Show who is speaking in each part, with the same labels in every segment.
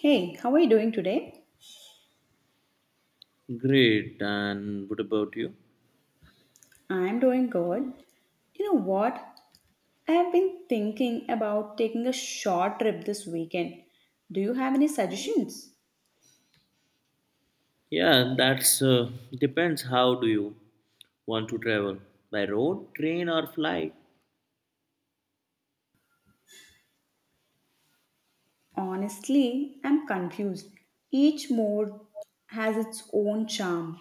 Speaker 1: Hey, how are you doing today?
Speaker 2: Great. And what about you?
Speaker 1: I'm doing good. You know what? I have been thinking about taking a short trip this weekend. Do you have any suggestions?
Speaker 2: Yeah, that's depends. How do you want to travel? By road, train, or flight?
Speaker 1: Honestly, I'm confused. Each mode has its own charm.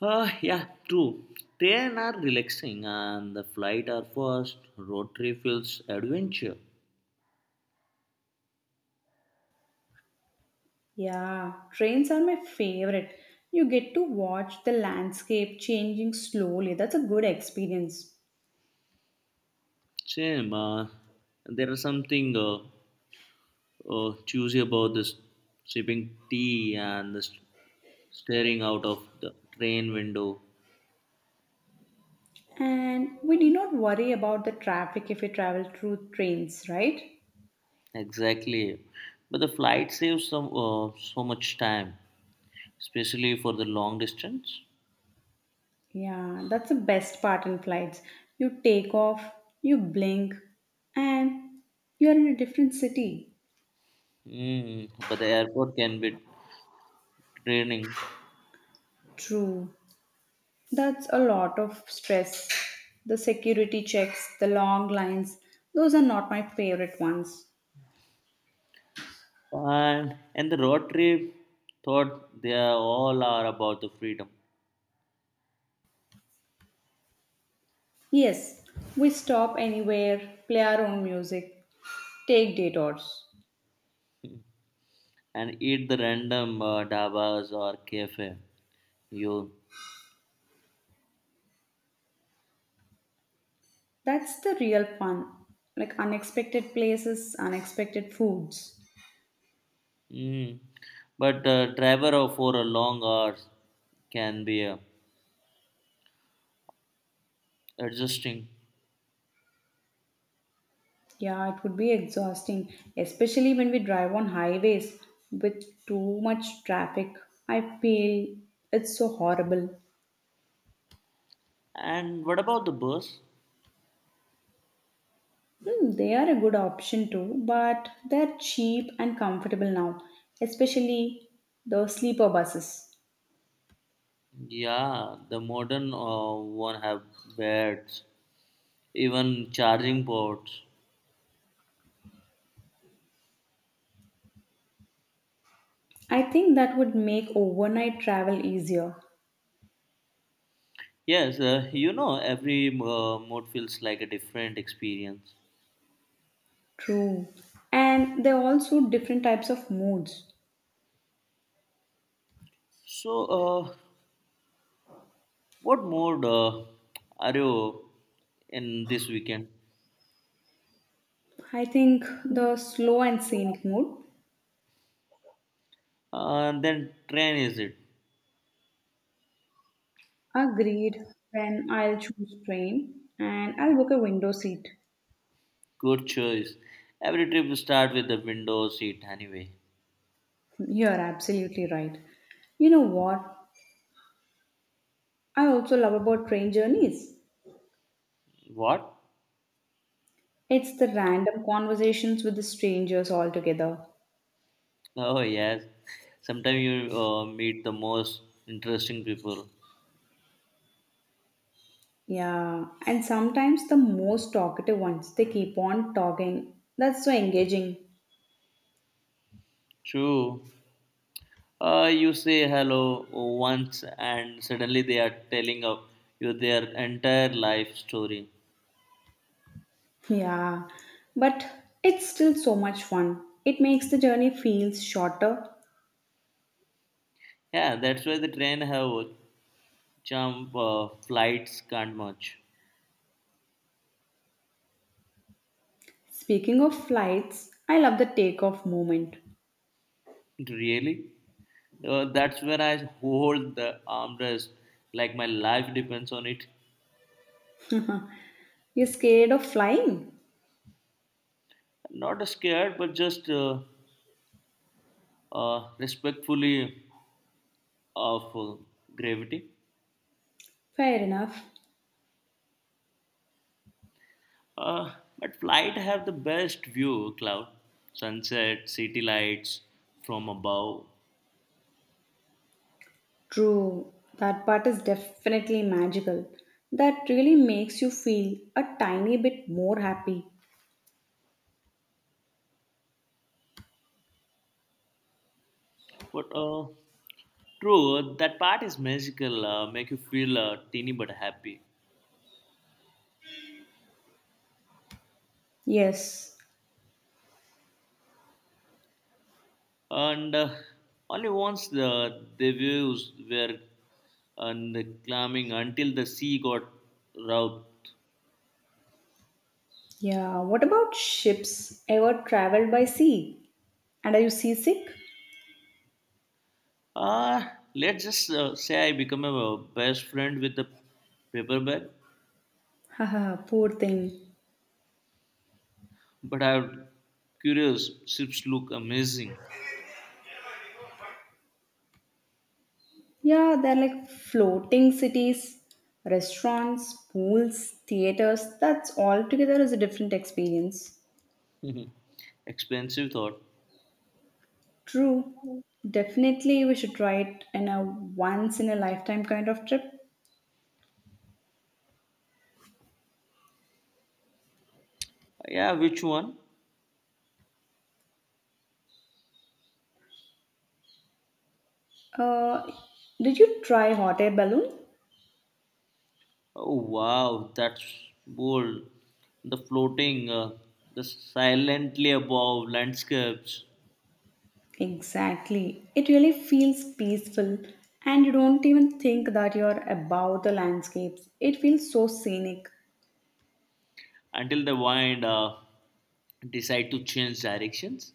Speaker 2: Yeah, true. Train are relaxing, and the flight are fast. Road trip feels adventure.
Speaker 1: Yeah, trains are my favorite. You get to watch the landscape changing slowly. That's a good experience.
Speaker 2: Same. There is something choosy about this sipping tea and the staring out of the train window.
Speaker 1: And we need not worry about the traffic if we travel through trains, right?
Speaker 2: Exactly. But the flight saves some so much time. Especially for the long distance.
Speaker 1: Yeah, that's the best part in flights. You take off, you blink, and you're in a different city.
Speaker 2: But the airport can be draining.
Speaker 1: True. That's a lot of stress. The security checks, the long lines, those are not my favorite ones.
Speaker 2: And the road trip thought they are all are about the freedom
Speaker 1: Yes, we stop anywhere, play our own music, take detours.
Speaker 2: and eat the random dabas or cafe. You,
Speaker 1: That's the real fun. Like unexpected places, unexpected foods.
Speaker 2: mm. But driver for a long hours can be adjusting.
Speaker 1: Yeah, it would be exhausting, especially when we drive on highways with too much traffic. I feel it's so horrible.
Speaker 2: And what about the bus?
Speaker 1: Hmm, they are a good option too, but they're cheap and comfortable now, especially the sleeper buses.
Speaker 2: Yeah, the modern one have beds, even charging ports.
Speaker 1: I think that would make overnight travel easier.
Speaker 2: Yes, every mode feels like a different experience.
Speaker 1: True. And there are also different types of moods.
Speaker 2: So, uh, what mode are you in this weekend?
Speaker 1: I think the slow and scenic mood.
Speaker 2: Then train is it?
Speaker 1: Agreed, then I'll choose train and I'll book a window seat.
Speaker 2: Good choice. Every trip you start with the window seat anyway.
Speaker 1: You're absolutely right. You know what? I also love about train journeys.
Speaker 2: What?
Speaker 1: It's the random conversations with the strangers altogether.
Speaker 2: Oh yes. Sometimes you meet the most interesting people.
Speaker 1: Yeah, and sometimes the most talkative ones, they keep on talking. That's so engaging.
Speaker 2: True. You say hello once and suddenly they are telling of you their entire life story.
Speaker 1: Yeah, but it's still so much fun. It makes the journey feels shorter.
Speaker 2: Yeah, that's why the train have jump flights can't much.
Speaker 1: Speaking of flights, I love the takeoff moment.
Speaker 2: Really? That's where I hold the armrest like my life depends on it.
Speaker 1: You're scared of flying?
Speaker 2: Not scared, but just respectfully of gravity.
Speaker 1: Fair enough.
Speaker 2: But flight have the best view, cloud, sunset, city lights from above.
Speaker 1: True, that part is definitely magical. That really makes you feel a tiny bit more happy.
Speaker 2: But true, that part is magical. Make you feel teeny but happy.
Speaker 1: Yes.
Speaker 2: And only once the waves were and climbing until the sea got rough.
Speaker 1: Yeah, what about ships? Ever traveled by sea? And are you seasick?
Speaker 2: Ah, let's just say I become a best friend with the paper bag.
Speaker 1: Haha, poor thing.
Speaker 2: But I'm curious. Ships look amazing.
Speaker 1: Yeah, they're like floating cities, restaurants, pools, theaters. That's altogether is a different experience.
Speaker 2: Expensive thought.
Speaker 1: True. Definitely, we should try it in a once in a lifetime kind of trip.
Speaker 2: Yeah, which one?
Speaker 1: Uh, did you try hot air balloon?
Speaker 2: Oh wow, that's bold. The floating, the silently above landscapes.
Speaker 1: Exactly. It really feels peaceful, and you don't even think that you're above the landscapes. It feels so scenic.
Speaker 2: Until the wind decide to change directions.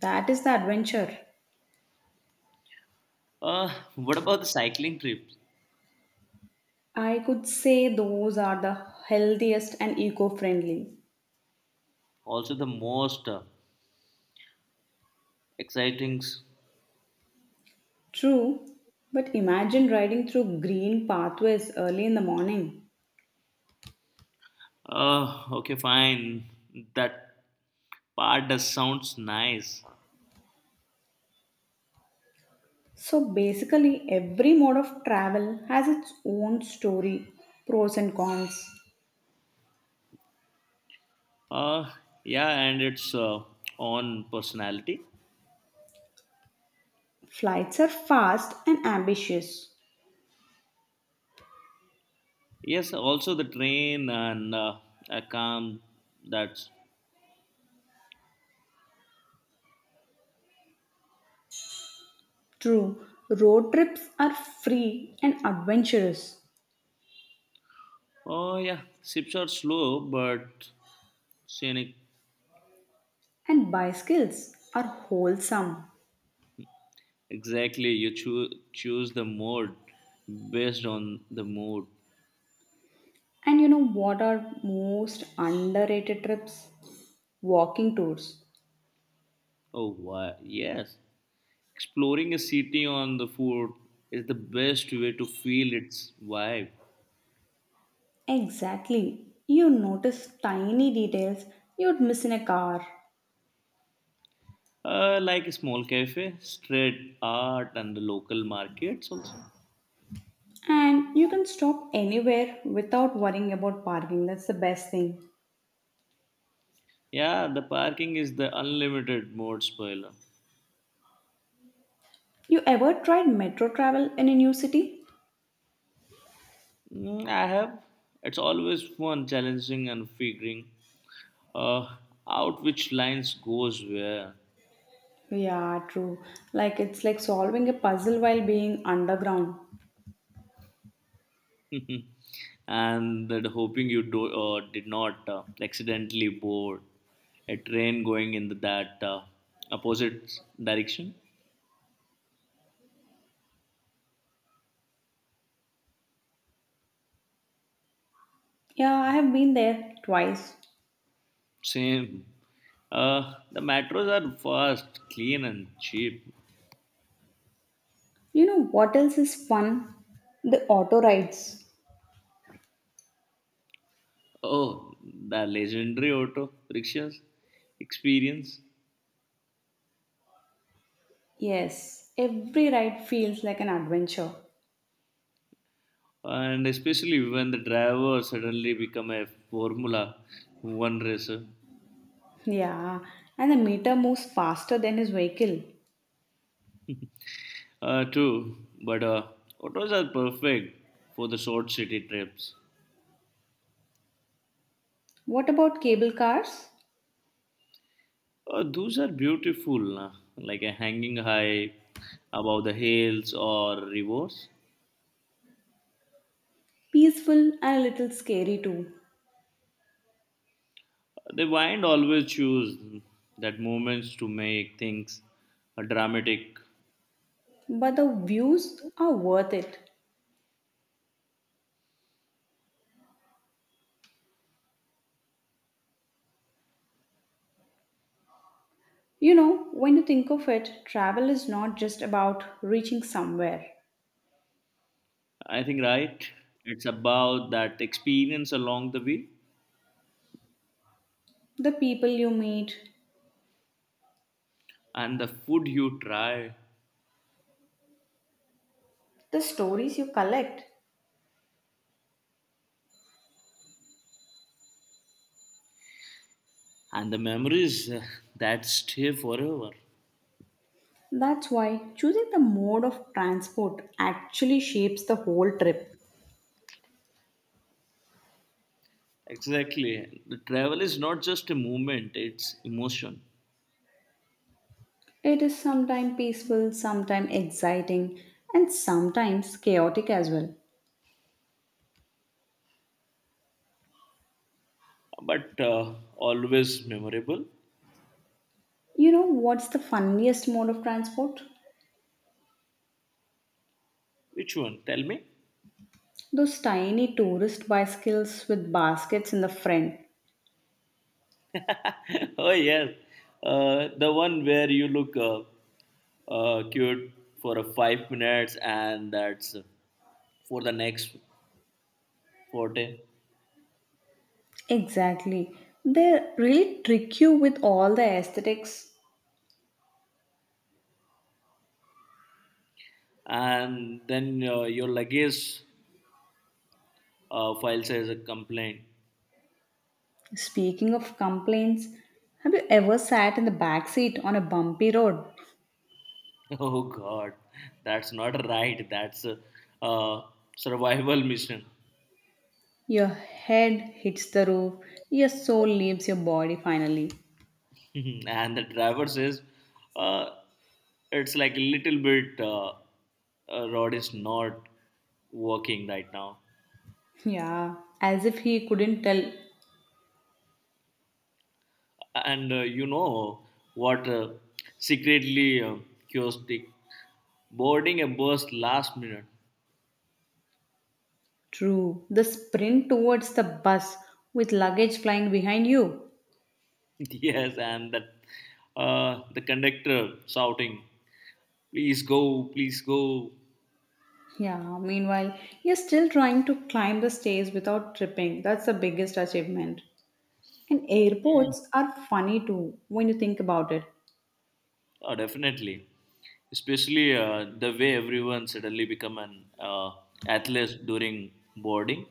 Speaker 1: That is the adventure.
Speaker 2: What about the cycling trips?
Speaker 1: I could say those are the healthiest and eco friendly.
Speaker 2: Also the most exciting.
Speaker 1: True, but imagine riding through green pathways early in the morning.
Speaker 2: Okay, fine. That part does sounds nice.
Speaker 1: So basically, every mode of travel has its own story, pros and cons.
Speaker 2: Uh, yeah, and it's on personality.
Speaker 1: Flights are fast and ambitious.
Speaker 2: Yes, also the train and a calm. That's,
Speaker 1: True, road trips are free and adventurous,
Speaker 2: oh yeah, ships are slow but scenic.
Speaker 1: and bicycles are wholesome.
Speaker 2: Exactly, you choose the mode based on the mood.
Speaker 1: And you know what are most underrated trips? Walking tours.
Speaker 2: Oh, why? Yes, exploring a city on the foot is the best way to feel its vibe.
Speaker 1: Exactly. You notice tiny details you'd miss in a car.
Speaker 2: Like a small cafe, street art, and the local markets also.
Speaker 1: And you can stop anywhere without worrying about parking. That's the best thing.
Speaker 2: Yeah, the parking is the unlimited mode spoiler.
Speaker 1: You ever tried metro travel in a new city?
Speaker 2: Mm, I have. It's always fun, challenging, and figuring uh, out which lines goes where.
Speaker 1: Yeah, true. Like it's like solving a puzzle while being underground.
Speaker 2: And that hoping you do, did not accidentally board a train going in that opposite direction.
Speaker 1: Yeah, I have been there twice.
Speaker 2: Same. The metros are fast, clean, and cheap.
Speaker 1: You know what else is fun? The auto rides.
Speaker 2: Oh, the legendary auto rickshaws experience.
Speaker 1: Yes, every ride feels like an adventure.
Speaker 2: And especially when the driver suddenly become a Formula One racer.
Speaker 1: Yeah, and the meter moves faster than his vehicle.
Speaker 2: True, but autos are perfect for the short city trips.
Speaker 1: What about cable cars?
Speaker 2: Those are beautiful, like a hanging high above the hills or rivers.
Speaker 1: Peaceful and a little scary too.
Speaker 2: The wind always choose that moments to make things dramatic.
Speaker 1: But the views are worth it. You know, when you think of it, travel is not just about reaching somewhere.
Speaker 2: I think right. It's about that experience along the way
Speaker 1: The people you meet,
Speaker 2: and the food you try
Speaker 1: the stories you collect.
Speaker 2: and the memories that stay forever.
Speaker 1: That's why choosing the mode of transport actually shapes the whole trip.
Speaker 2: Exactly. The travel is not just a movement, it's emotion.
Speaker 1: It is sometimes peaceful, sometimes exciting, and sometimes chaotic as well.
Speaker 2: But always memorable.
Speaker 1: You know what's the funniest mode of transport?
Speaker 2: Which one? Tell me.
Speaker 1: Those tiny tourist bicycles with baskets in the front.
Speaker 2: Oh, yes. The one where you look cute for a 5 minutes and that's for the next 40.
Speaker 1: Exactly. They really trick you with all the aesthetics.
Speaker 2: And then your luggage file says a complaint.
Speaker 1: Speaking of complaints, have you ever sat in the back seat on a bumpy road?
Speaker 2: Oh, God. That's not right. That's a uh, survival mission.
Speaker 1: Your head hits the roof, your soul leaves your body finally.
Speaker 2: And the driver says, uh, it's like a little bit rod is not working right now.
Speaker 1: Yeah, as if he couldn't tell.
Speaker 2: And you know what? Secretly curiosity, boarding a bus last minute.
Speaker 1: True, the sprint towards the bus with luggage flying behind you.
Speaker 2: Yes, and that, the conductor shouting, "Please go, please go."
Speaker 1: Yeah, meanwhile, you're still trying to climb the stairs without tripping. That's the biggest achievement. And
Speaker 2: Mm.
Speaker 1: airports are funny too when you think about
Speaker 2: Oh, definitely, especially the way everyone suddenly become an athlete during boarding.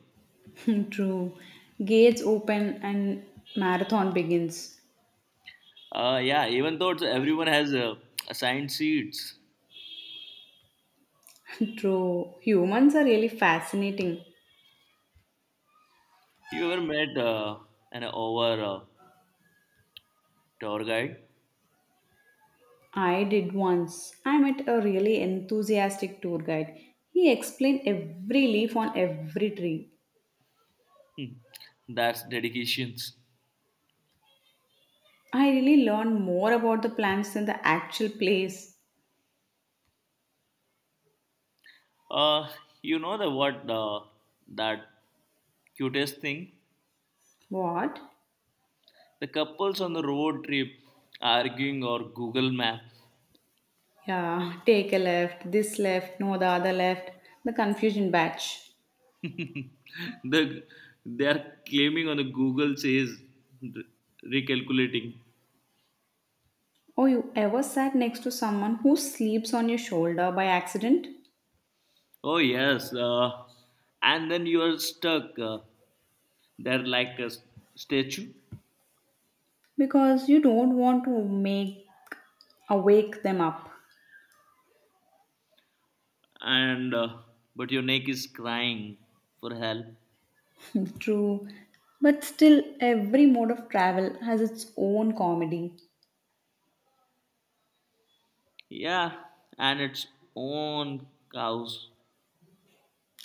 Speaker 1: it. True. Gates open and marathon begins.
Speaker 2: Yeah, even though everyone has assigned seats.
Speaker 1: True. Humans are really fascinating.
Speaker 2: You ever met an over tour guide?
Speaker 1: I did once. I met a really enthusiastic tour guide. He explained every leaf on every tree.
Speaker 2: Hmm. That's dedications.
Speaker 1: I really learned more about the plants than the actual place.
Speaker 2: Uh, you know the what that cutest thing?
Speaker 1: What?
Speaker 2: The couples on the road trip arguing or Google Map.
Speaker 1: Yeah, take a left, this left, no, the other left. The confusion batch.
Speaker 2: The they are claiming on the Google says re- recalculating.
Speaker 1: Oh, you ever sat next to someone who sleeps on your shoulder by accident
Speaker 2: Oh yes, and then you are stuck. They're like a statue,
Speaker 1: because you don't want to make awake them up.
Speaker 2: and but your neck is crying for help.
Speaker 1: True. But still every mode of travel has its own comedy
Speaker 2: Yeah, and its own cows,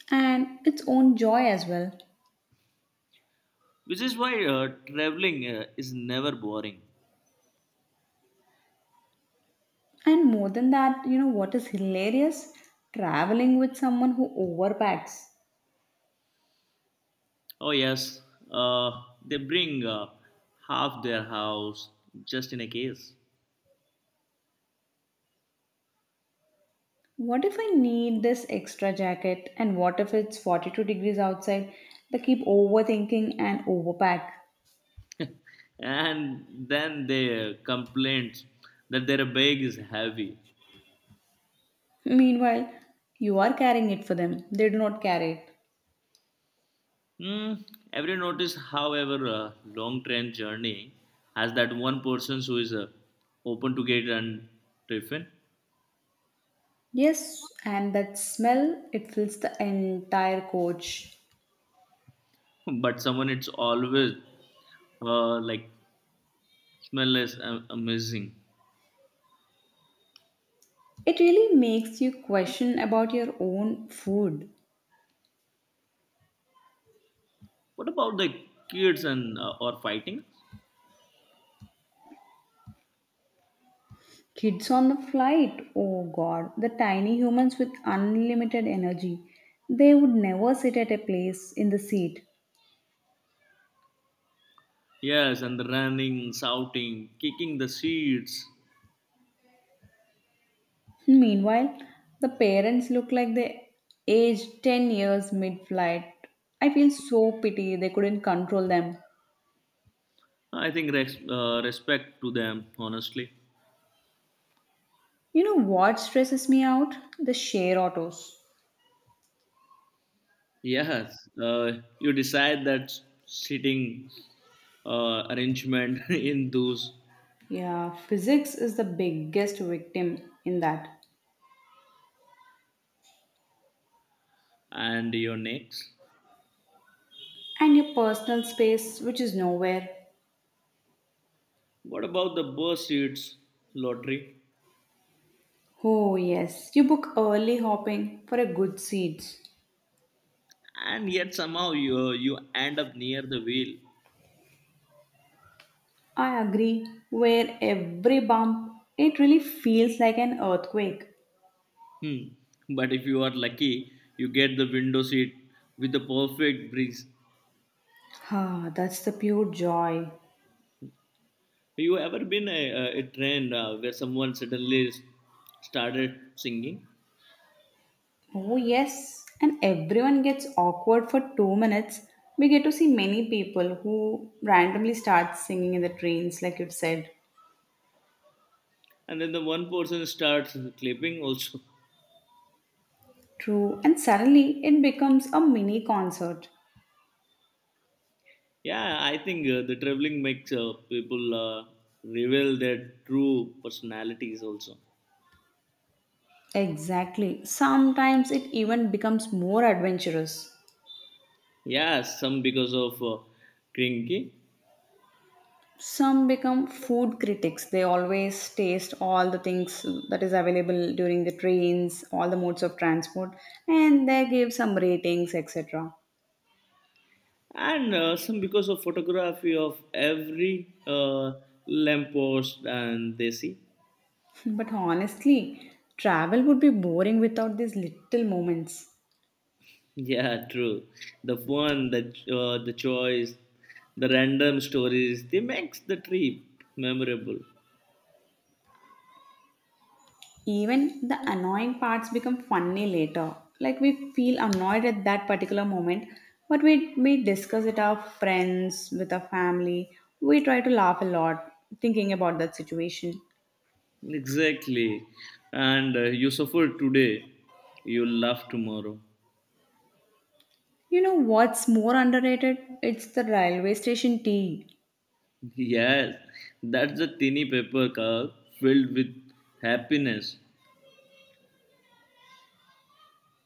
Speaker 1: and its own joy as well.
Speaker 2: which is why traveling is never boring.
Speaker 1: And more than that, you know what is hilarious? Traveling with someone who overpacks.
Speaker 2: Oh yes, uh, they bring half their house just in a case,
Speaker 1: What if I need this extra jacket and what if it's 42 degrees outside? They keep overthinking and overpack.
Speaker 2: and then they complain that their bag is heavy.
Speaker 1: Meanwhile, you are carrying it for them. They do not carry it.
Speaker 2: Mm, every notice, however, long train journey has that one person who is open to get and tiffin.
Speaker 1: Yes, and that smell, it fills the entire coach.
Speaker 2: But someone it's always like smell is amazing.
Speaker 1: It really makes you question about your own food.
Speaker 2: What about the kids and or fighting?
Speaker 1: Kids on the flight, oh god, the tiny humans with unlimited energy. They would never sit at a place in the seat.
Speaker 2: Yes, and the running, shouting, kicking the seats.
Speaker 1: Meanwhile, the parents look like they aged 10 years mid flight. I feel so pity they couldn't control them.
Speaker 2: I think respect to them, honestly.
Speaker 1: You know what stresses me out? The share autos.
Speaker 2: Yes, you decide that seating arrangement in those
Speaker 1: Yeah, physics is the biggest victim in that.
Speaker 2: and your necks.
Speaker 1: And your personal space, which is nowhere.
Speaker 2: What about the bus seats lottery?
Speaker 1: Oh, yes, you book early hopping for a good seats.
Speaker 2: And yet somehow you end up near the wheel.
Speaker 1: I agree, where every bump, it really feels like an earthquake.
Speaker 2: Hmm. But if you are lucky, you get the window seat with the perfect breeze.
Speaker 1: Ah, that's the pure joy.
Speaker 2: You ever been a train where someone suddenly started singing
Speaker 1: Oh, yes. And everyone gets awkward for 2 minutes. We get to see many people who randomly start singing in the trains, like you said.
Speaker 2: and then the one person starts clapping also?
Speaker 1: True. And suddenly it becomes a mini concert.
Speaker 2: Yeah, I think the traveling makes people reveal their true personalities also.
Speaker 1: Exactly. Sometimes it even becomes more adventurous.
Speaker 2: Yeah, some because of Krinki
Speaker 1: Some become food critics. They always taste all the things that is available during the trains, all the modes of transport, and they give some ratings, etc.
Speaker 2: and some because of photography of every lamppost and they see.
Speaker 1: But honestly, travel would be boring without these little moments.
Speaker 2: Yeah, true. The fun, the choice, the random stories, they makes the trip memorable.
Speaker 1: Even the annoying parts become funny later. Like we feel annoyed at that particular moment, but we discuss it our friends, with our family. We try to laugh a lot thinking about that situation.
Speaker 2: Exactly. And you suffer today, you laugh tomorrow.
Speaker 1: You know what's more underrated? It's the railway station tea.
Speaker 2: Yes, that's a tiny paper cup filled with happiness.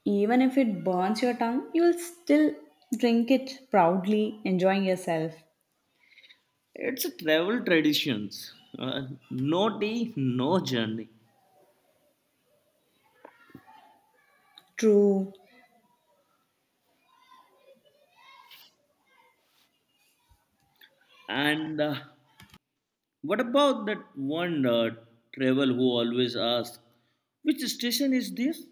Speaker 1: Even if it burns your tongue, you'll still drink it proudly, enjoying yourself.
Speaker 2: It's a travel traditions. No tea, no journey.
Speaker 1: True.
Speaker 2: And what about that one travel who always asks, which station is this?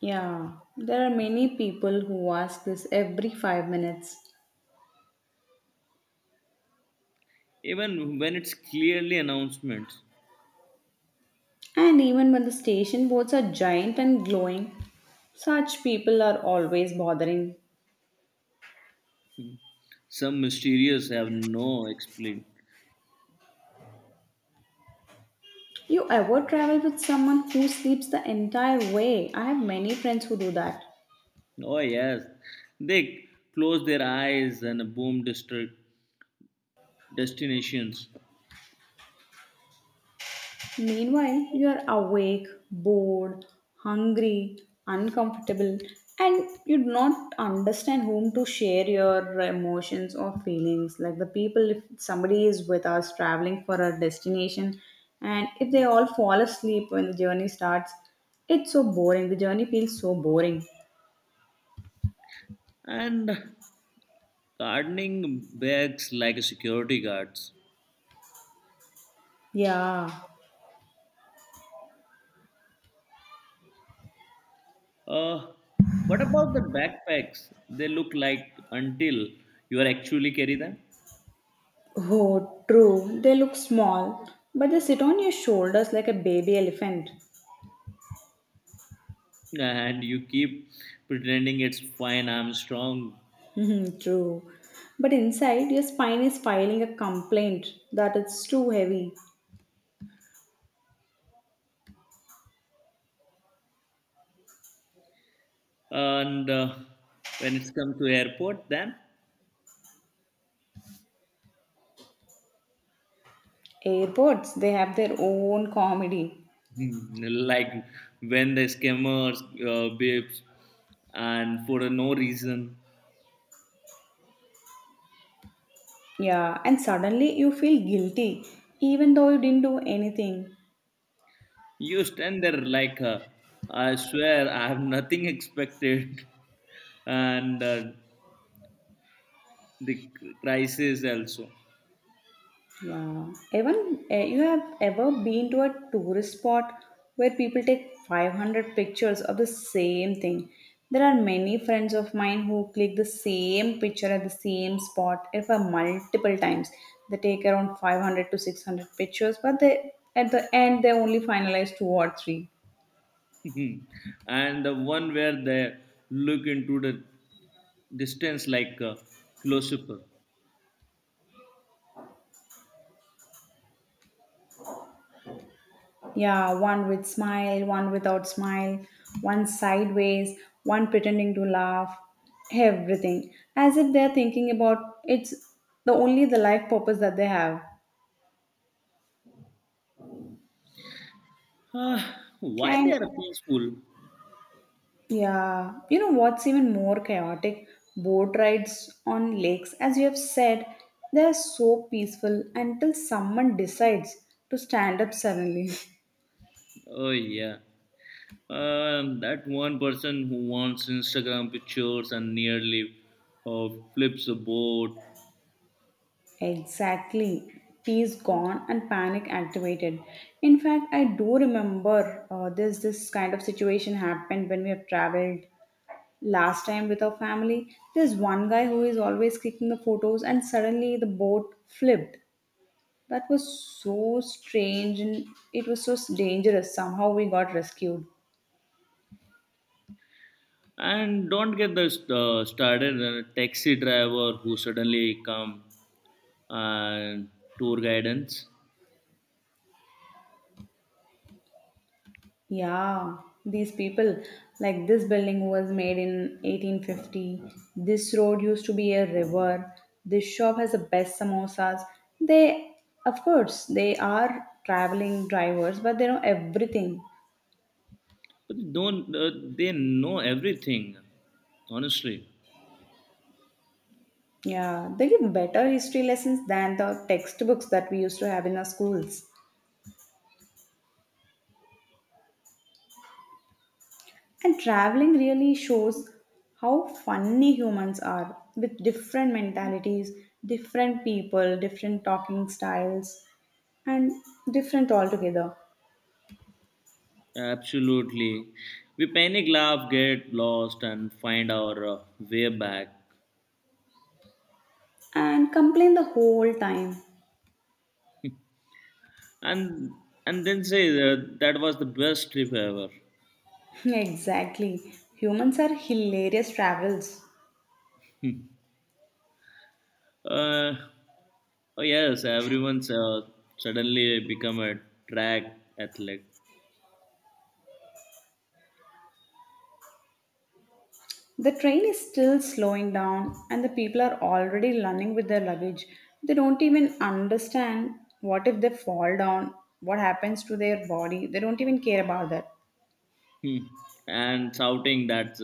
Speaker 1: Yeah, there are many people who ask this every 5 minutes.
Speaker 2: Even when it's clearly announcements.
Speaker 1: And even when the station boards are giant and glowing, such people are always bothering.
Speaker 2: Hmm. Some mysterious have no explain.
Speaker 1: You ever travel with someone who sleeps the entire way? I have many friends who do that.
Speaker 2: Oh yes, they close their eyes and boom district destinations.
Speaker 1: Meanwhile, you are awake, bored, hungry, uncomfortable, and you do not understand whom to share your emotions or feelings. Like the people, if somebody is with us traveling for a destination, and if they all fall asleep when the journey starts, it's so boring. The journey feels so boring.
Speaker 2: And gardening bags like security guards.
Speaker 1: Yeah.
Speaker 2: Uh, what about the backpacks? They look like until you are actually carry them,
Speaker 1: Oh, true. They look small, but they sit on your shoulders like a baby elephant.
Speaker 2: and you keep pretending it's fine. I'm strong,
Speaker 1: True. But inside, your spine is filing a complaint that it's too heavy.
Speaker 2: and when it's come to airport, then
Speaker 1: Airports, they have their own comedy.
Speaker 2: like when the scammers babes and for no reason.
Speaker 1: Yeah, and suddenly you feel guilty, even though you didn't do anything.
Speaker 2: You stand there like, I swear, I have nothing expected. And the crisis also.
Speaker 1: Yeah. Even you have ever been to a tourist spot where people take 500 pictures of the same thing. There are many friends of mine who click the same picture at the same spot if a multiple times. They take around 500 to 600 pictures, but they at the end they only finalize two or three.
Speaker 2: And the one where they look into the distance like a philosopher.
Speaker 1: Yeah, one with smile, one without smile, one sideways, one pretending to laugh, everything. As if they're thinking about it's the only the life purpose that they have.
Speaker 2: Ah, why they are
Speaker 1: And
Speaker 2: peaceful?
Speaker 1: yeah, you know what's even more chaotic? Boat rides on lakes. As you have said, they're so peaceful until someone decides to stand up suddenly.
Speaker 2: Oh yeah, that one person who wants Instagram pictures and nearly flips a boat.
Speaker 1: Exactly. Peace gone and panic activated. In fact, I do remember this kind of situation happened when we have traveled last time with our family. There's one guy who is always clicking the photos, and suddenly the boat flipped. That was so strange and it was so dangerous. Somehow we got rescued.
Speaker 2: And don't get the started on taxi driver who suddenly come and tour guidance.
Speaker 1: Yeah, these people, like this building was made in 1850. This road used to be a river. This shop has the best samosas. They, of course, they are traveling drivers, but they know everything.
Speaker 2: But they don't they know everything? Honestly,
Speaker 1: Yeah, they give better history lessons than the textbooks that we used to have in our schools. And traveling really shows how funny humans are with different mentalities, different people, different talking styles, and different altogether.
Speaker 2: absolutely. We panic, laugh, get lost, and find our way back.
Speaker 1: And complain the whole time.
Speaker 2: And and then say that that was the best trip ever.
Speaker 1: Exactly. Humans are hilarious travels.
Speaker 2: Uh, oh yes, everyone's suddenly become a track athlete.
Speaker 1: The train is still slowing down, and the people are already running with their luggage. They don't even understand what if they fall down, what happens to their body. They don't even care about that.
Speaker 2: Hmm. And shouting that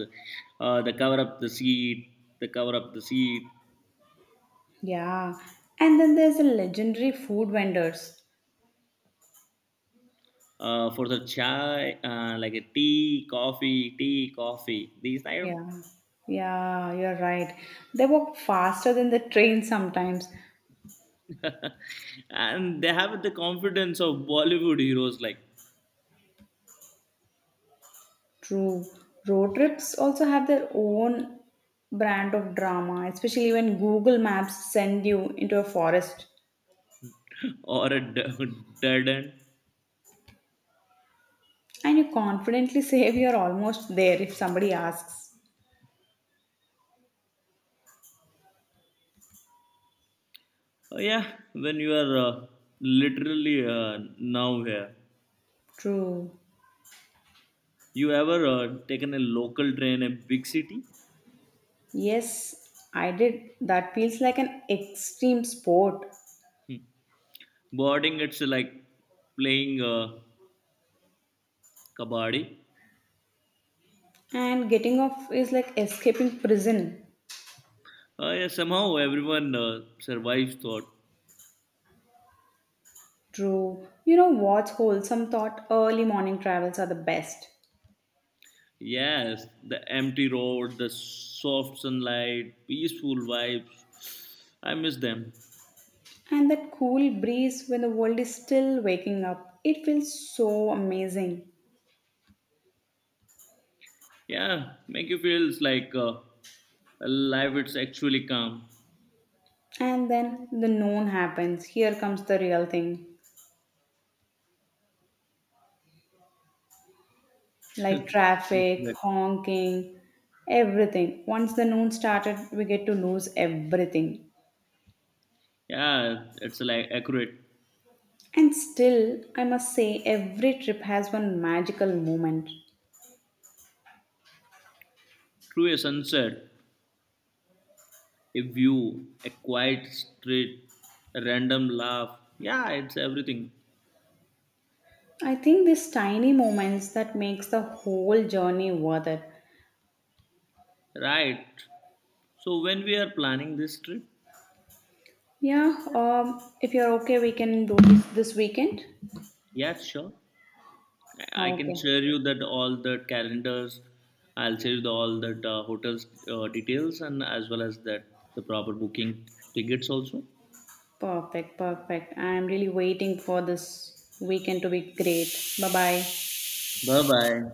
Speaker 2: the cover up the seat, the cover up the seat,
Speaker 1: Yeah. And then there's the legendary food vendors.
Speaker 2: for the chai, like a tea, coffee, tea, coffee. These type,
Speaker 1: Yeah. Yeah, you're right. They walk faster than the train sometimes.
Speaker 2: and they have the confidence of Bollywood heroes like
Speaker 1: True. Road trips also have their own brand of drama, especially when Google Maps send you into a forest
Speaker 2: or a dead end.
Speaker 1: and you confidently say you're almost there if somebody asks.
Speaker 2: Oh, yeah, when you are literally now here,
Speaker 1: True.
Speaker 2: you ever taken a local train in a big city?
Speaker 1: Yes, I did. That feels like an extreme sport.
Speaker 2: Hmm. Boarding it's like playing kabaddi.
Speaker 1: And getting off is like escaping prison.
Speaker 2: Yeah, somehow everyone survives thought.
Speaker 1: True. You know what's wholesome thought? Early morning travels are the best.
Speaker 2: Yes, the empty road, the soft sunlight, peaceful vibes. I miss them.
Speaker 1: And that cool breeze when the world is still waking up, it feels so amazing.
Speaker 2: Yeah, make you feel like life it's actually calm.
Speaker 1: And then the known happens. Here comes the real thing like traffic,
Speaker 2: Accurate.
Speaker 1: honking, everything. Once the noon started, we get to lose everything.
Speaker 2: Yeah, it's like accurate.
Speaker 1: And still, I must say, every trip has one magical moment.
Speaker 2: Through a sunset, a view, a quiet street, a random laugh. Yeah, it's everything.
Speaker 1: I think these tiny moments that makes the whole journey worth it.
Speaker 2: Right. So when we are planning this trip,
Speaker 1: Yeah, if you're okay, we can do this weekend.
Speaker 2: yeah, sure. I
Speaker 1: Oh,
Speaker 2: can
Speaker 1: okay,
Speaker 2: share you that all the calendars. I'll share you the, all that hotels details and as well as that the proper booking tickets also.
Speaker 1: perfect, perfect. I'm really waiting for this weekend to be great. Bye bye.
Speaker 2: Bye bye.